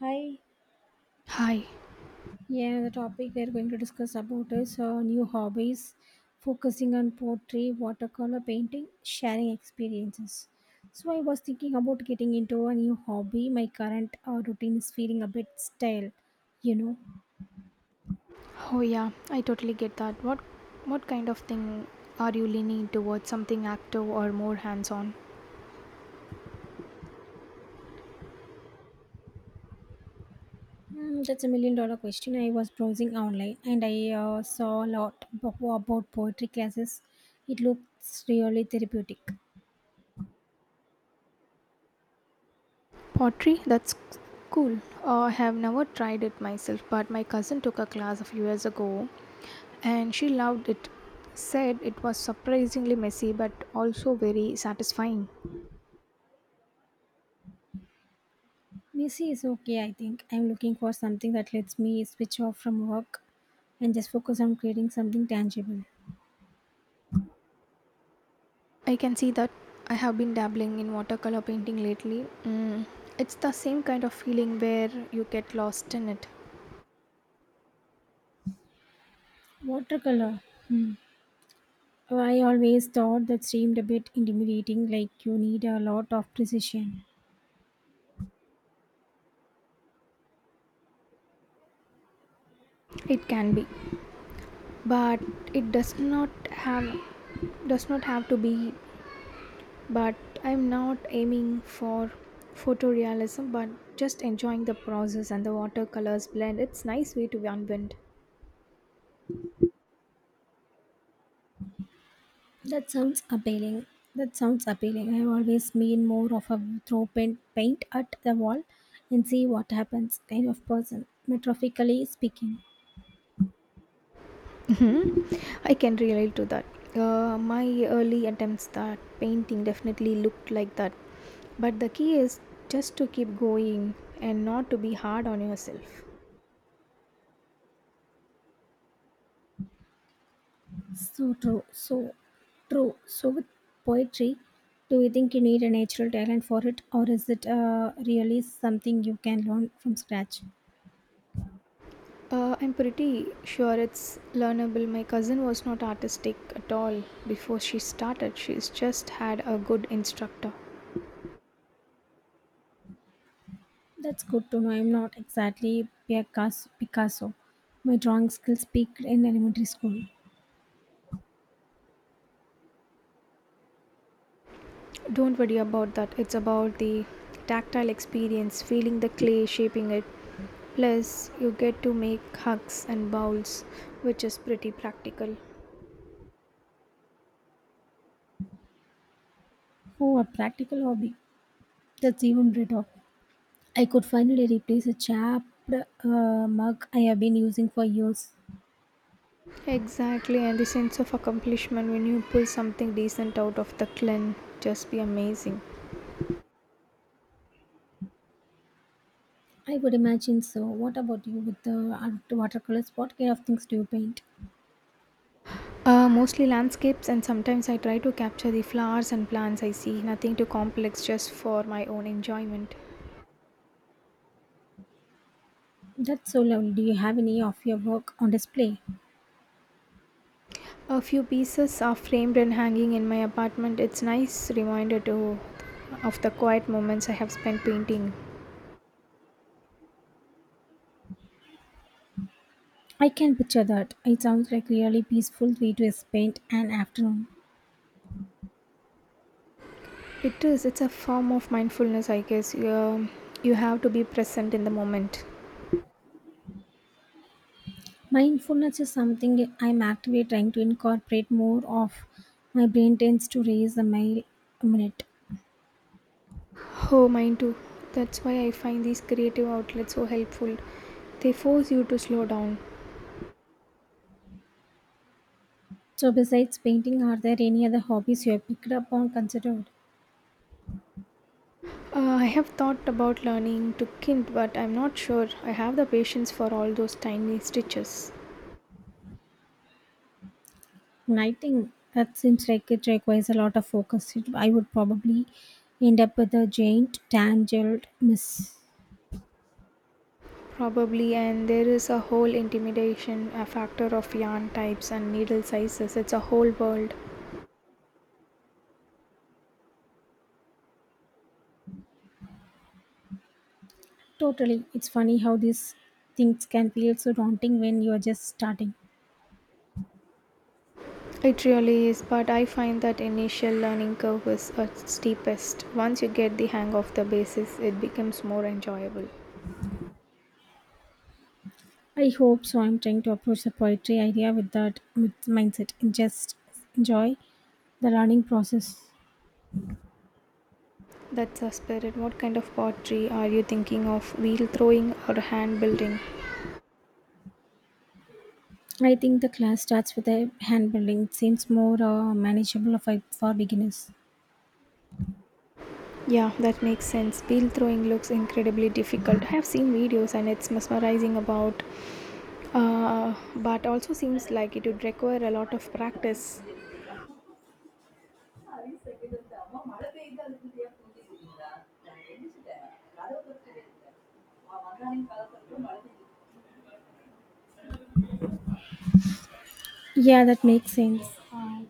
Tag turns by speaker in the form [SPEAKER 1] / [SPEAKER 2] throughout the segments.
[SPEAKER 1] Hi.
[SPEAKER 2] Hi.
[SPEAKER 1] Yeah, the topic we are going to discuss about is new hobbies, focusing on pottery, watercolor painting, sharing experiences. So I was thinking about getting into a new hobby. My current routine is feeling a bit stale. You know,
[SPEAKER 2] Oh yeah, I totally get that. What kind of thing are you leaning towards? Something active or more hands-on?
[SPEAKER 1] mm, that's a million dollar question. I was browsing online and I saw a lot about poetry classes. It looks really therapeutic.
[SPEAKER 2] Pottery? That's cool. I have never tried it myself, but my cousin took a class a few years ago and she loved it. Said it was surprisingly messy but also very satisfying.
[SPEAKER 1] Busy is okay, I think. I'm looking for something that lets me switch off from work and just focus on creating something tangible.
[SPEAKER 2] I can see that. I have been dabbling in watercolor painting lately. It's the same kind of feeling where you get lost in it.
[SPEAKER 1] Watercolor. Hmm. Oh, I always thought that seemed a bit intimidating, like you need a lot of precision.
[SPEAKER 2] It can be, but it does not have to be, but I'm not aiming for photorealism, but just enjoying the process, and the watercolors blend. It's nice way to unwind.
[SPEAKER 1] That sounds appealing. That sounds appealing. I've always been more of a throw paint at the wall and see what happens kind of person, metaphorically speaking.
[SPEAKER 2] hmm I can relate to that. My early attempts at painting definitely looked like that, but the key is just to keep going and not to be hard on yourself.
[SPEAKER 1] So true, so true. So with poetry, do you think you need a natural talent for it, or is it really something you can learn from scratch?
[SPEAKER 2] I'm pretty sure it's learnable. My cousin was not artistic at all before she started. She's just had a good instructor.
[SPEAKER 1] That's good to know. I'm not exactly Picasso. My drawing skills peaked in elementary school.
[SPEAKER 2] Don't worry about that. It's about the tactile experience, feeling the clay, shaping it. Plus, you get to make hugs and bowls, which is pretty practical.
[SPEAKER 1] Oh, a practical hobby. That's even better. I could finally replace a chapped mug I have been using for years.
[SPEAKER 2] Exactly, and the sense of accomplishment when you pull something decent out of the clan just be amazing.
[SPEAKER 1] I would imagine so. What about you with the watercolors? What kind of things do you paint?
[SPEAKER 2] Mostly landscapes, and sometimes I try to capture the flowers and plants I see, nothing too complex, just for my own enjoyment.
[SPEAKER 1] That's so lovely. Do you have any of your work on display?
[SPEAKER 2] A few pieces are framed and hanging in my apartment. It's nice reminder to of the quiet moments I have spent painting.
[SPEAKER 1] I can picture that. It sounds like really peaceful way to spend an afternoon.
[SPEAKER 2] It is. It's a form of mindfulness, I guess. You have to be present in the moment.
[SPEAKER 1] Mindfulness is something I'm actively trying to incorporate more of. My brain tends to race a mile a minute.
[SPEAKER 2] Oh, mine too. That's why I find these creative outlets so helpful. They force you to slow down.
[SPEAKER 1] So besides painting, are there any other hobbies you have picked up or considered?
[SPEAKER 2] I have thought about learning to kind, but I'm not sure I have the patience for all those tiny stitches.
[SPEAKER 1] Writing. That seems like it requires a lot of focus. I would probably end up with a giant tangled mess.
[SPEAKER 2] Probably, and there is a whole intimidation, a factor of yarn types and needle sizes. It's a whole world.
[SPEAKER 1] Totally. It's funny how these things can feel so daunting when you are just starting.
[SPEAKER 2] It really is, but I find that initial learning curve is a steepest. Once you get the hang of the basis, it becomes more enjoyable.
[SPEAKER 1] I hope so. I'm trying to approach the poetry idea with that with mindset and just enjoy the learning process.
[SPEAKER 2] That's a spirit. What kind of pottery are you thinking of? Wheel throwing or hand building?
[SPEAKER 1] I think the class starts with a hand building. It seems more manageable for beginners.
[SPEAKER 2] Yeah, that makes sense. Peel throwing looks incredibly difficult. I have seen videos and it's mesmerizing about, but also seems like it would require a lot of practice.
[SPEAKER 1] Yeah, that makes sense.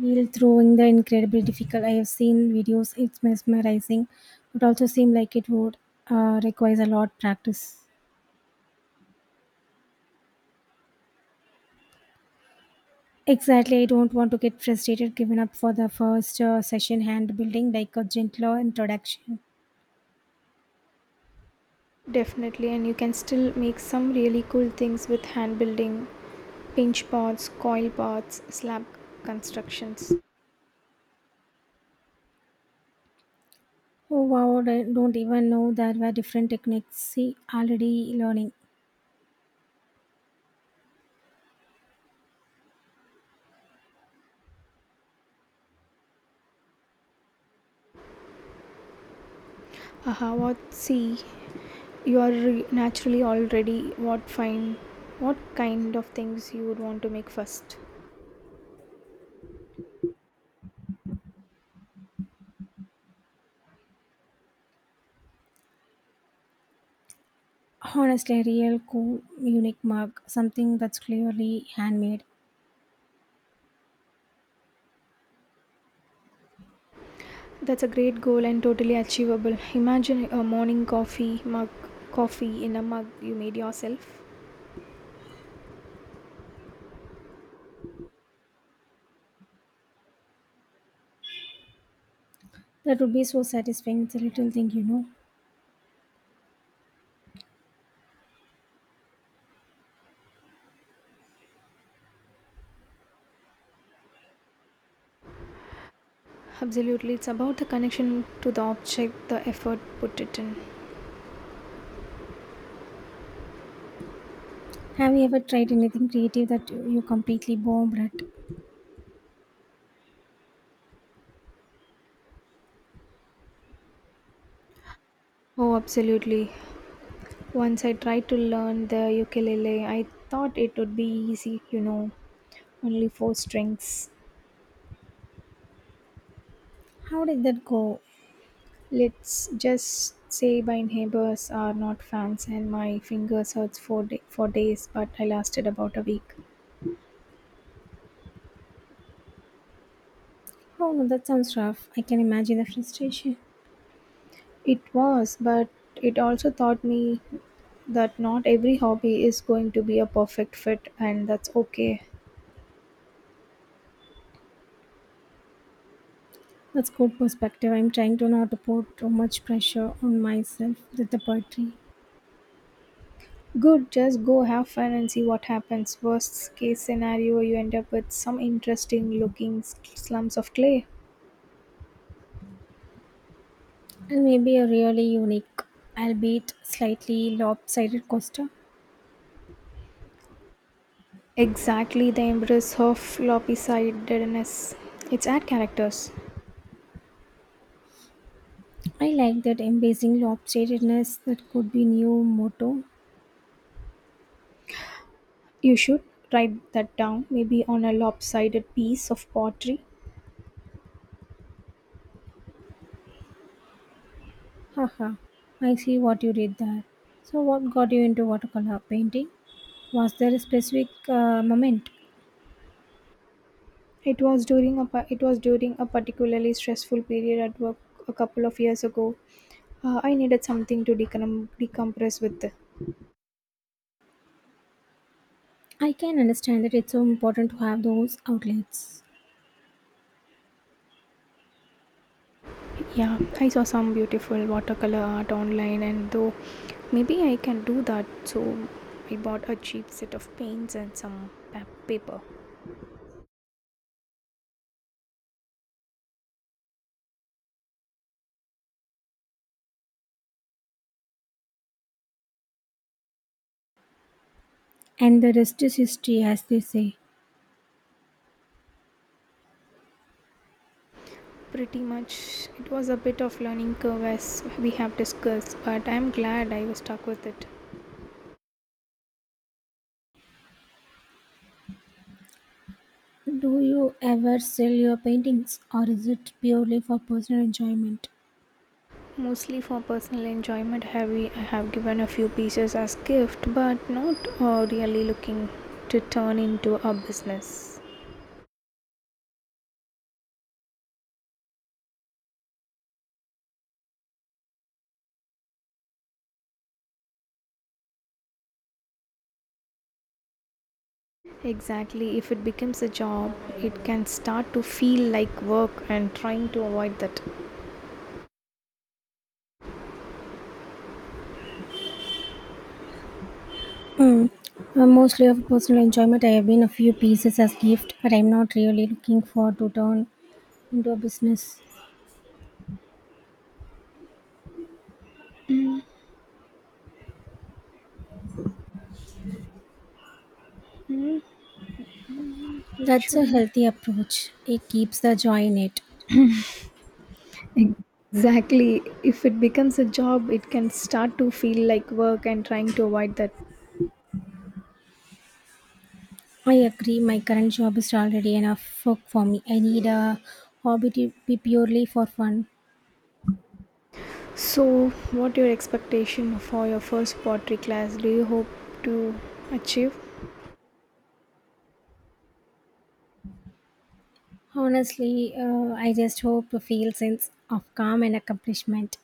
[SPEAKER 1] Wheel throwing the incredibly difficult. I have seen videos. It's mesmerizing, but also seem like it would requires a lot practice. Exactly. I don't want to get frustrated, given up for the first session hand building, like a gentler introduction.
[SPEAKER 2] Definitely, and you can still make some really cool things with hand building, pinch pots, coil pots, slab constructions.
[SPEAKER 1] Oh wow, I don't even know there were different techniques. See, already learning.
[SPEAKER 2] Aha, what see? You are naturally already what fine, what kind of things you would want to make first.
[SPEAKER 1] Honestly, a real cool, unique mug, something that's clearly handmade.
[SPEAKER 2] That's a great goal and totally achievable. Imagine a morning coffee mug, coffee in a mug you made yourself.
[SPEAKER 1] That would be so satisfying. It's a little thing, you know.
[SPEAKER 2] Absolutely, it's about the connection to the object, the effort put it in.
[SPEAKER 1] Have you ever tried anything creative that you completely bombed at?
[SPEAKER 2] Oh, absolutely. Once I tried to learn the ukulele, I thought it would be easy, you know, only four strings.
[SPEAKER 1] How did that go?
[SPEAKER 2] Let's just say my neighbors are not fans and my fingers hurts for, day, for days, but I lasted about a week.
[SPEAKER 1] Oh, no, that sounds rough. I can imagine the frustration.
[SPEAKER 2] It was, but it also taught me that not every hobby is going to be a perfect fit and that's okay.
[SPEAKER 1] That's good perspective. I'm trying to not to put too much pressure on myself with the poetry.
[SPEAKER 2] Good, just go have fun and see what happens. Worst case scenario, you end up with some interesting looking slums of clay.
[SPEAKER 1] And maybe a really unique, albeit slightly lopsided coaster.
[SPEAKER 2] Exactly the embrace of lopsidedness. It's ad characters.
[SPEAKER 1] I like that embracing lopsidedness that could be new motto.
[SPEAKER 2] You should write that down, maybe on a lopsided piece of pottery.
[SPEAKER 1] Haha, I see what you did there. So what got you into watercolor painting? Was there a specific moment?
[SPEAKER 2] It was during a particularly stressful period at work a couple of years ago. I needed something to decompress with.
[SPEAKER 1] I can understand that it's so important to have those outlets.
[SPEAKER 2] Yeah, I saw some beautiful watercolor art online, and though maybe I can do that, so I bought a cheap set of paints and some paper.
[SPEAKER 1] And the rest is history, as they say.
[SPEAKER 2] Pretty much, it was a bit of learning curve as we have discussed, but I'm glad I was stuck with it.
[SPEAKER 1] Do you ever sell your paintings or is it purely for personal enjoyment?
[SPEAKER 2] Mostly for personal enjoyment. Have we I have given a few pieces as gift, but not really looking to turn into a business. Exactly, if it becomes a job, it can start to feel like work and trying to avoid that.
[SPEAKER 1] Hmm. Mostly of personal enjoyment. I have been a few pieces as gift, but I'm not really looking for to turn into a business.
[SPEAKER 2] Hmm, which
[SPEAKER 1] That's a
[SPEAKER 2] one?
[SPEAKER 1] healthy approach. It keeps the joy in it.
[SPEAKER 2] Exactly, if it becomes a job, it can start to feel like work and trying to avoid that.
[SPEAKER 1] I agree. My current job is already enough work for me. I need a hobby to be purely for fun.
[SPEAKER 2] So what your expectation for your first pottery class? Do you hope to achieve?
[SPEAKER 1] Honestly, I just hope to feel sense of calm and accomplishment.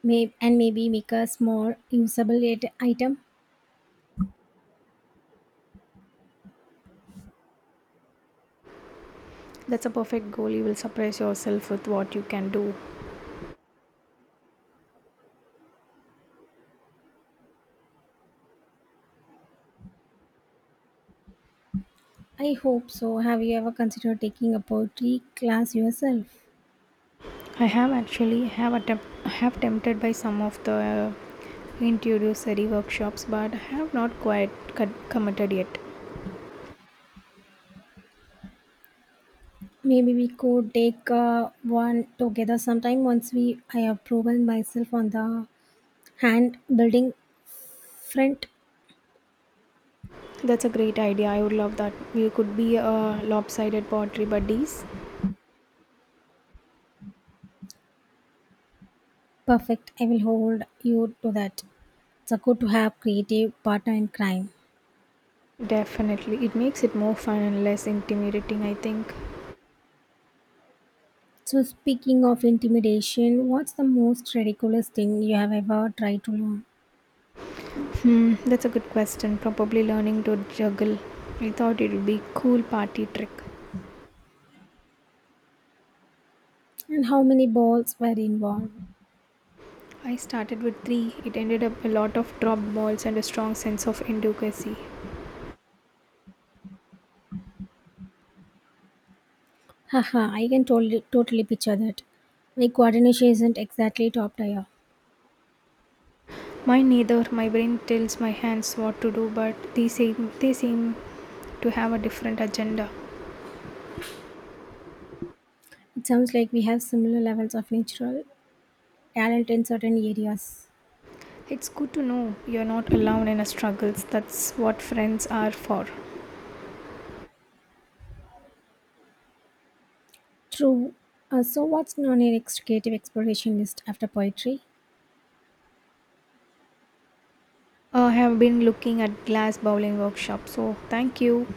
[SPEAKER 1] And maybe make a small usable item?
[SPEAKER 2] That's a perfect goal. You will surprise yourself with what you can do.
[SPEAKER 1] I hope so. Have you ever considered taking a poetry class yourself?
[SPEAKER 2] I have actually have attempt have tempted by some of the introductory workshops, but have not quite committed yet.
[SPEAKER 1] Maybe we could take one together sometime once we I have proven myself on the hand building front
[SPEAKER 2] That's a great idea. I would love that. We could be a lopsided pottery buddies.
[SPEAKER 1] perfect. I will hold you to that. It's a good to have creative partner in crime.
[SPEAKER 2] Definitely, it makes it more fun and less intimidating. I think.
[SPEAKER 1] So speaking of intimidation, what's the most ridiculous thing you have ever tried to learn?
[SPEAKER 2] Hmm, that's a good question. Probably learning to juggle. I thought it would be cool party trick.
[SPEAKER 1] And how many balls were involved?
[SPEAKER 2] I started with three. It ended up a lot of dropped balls and a strong sense of inadequacy.
[SPEAKER 1] Haha, I can totally, totally picture that. My coordination isn't exactly top tier.
[SPEAKER 2] Mine neither. My brain tells my hands what to do, but they seem to have a different agenda.
[SPEAKER 1] It sounds like we have similar levels of natural talent in certain areas.
[SPEAKER 2] It's good to know you're not alone in our struggles. That's what friends are for.
[SPEAKER 1] True. So, what's on your next creative exploration list after poetry?
[SPEAKER 2] I have been looking at glass bowling workshop. So thank you.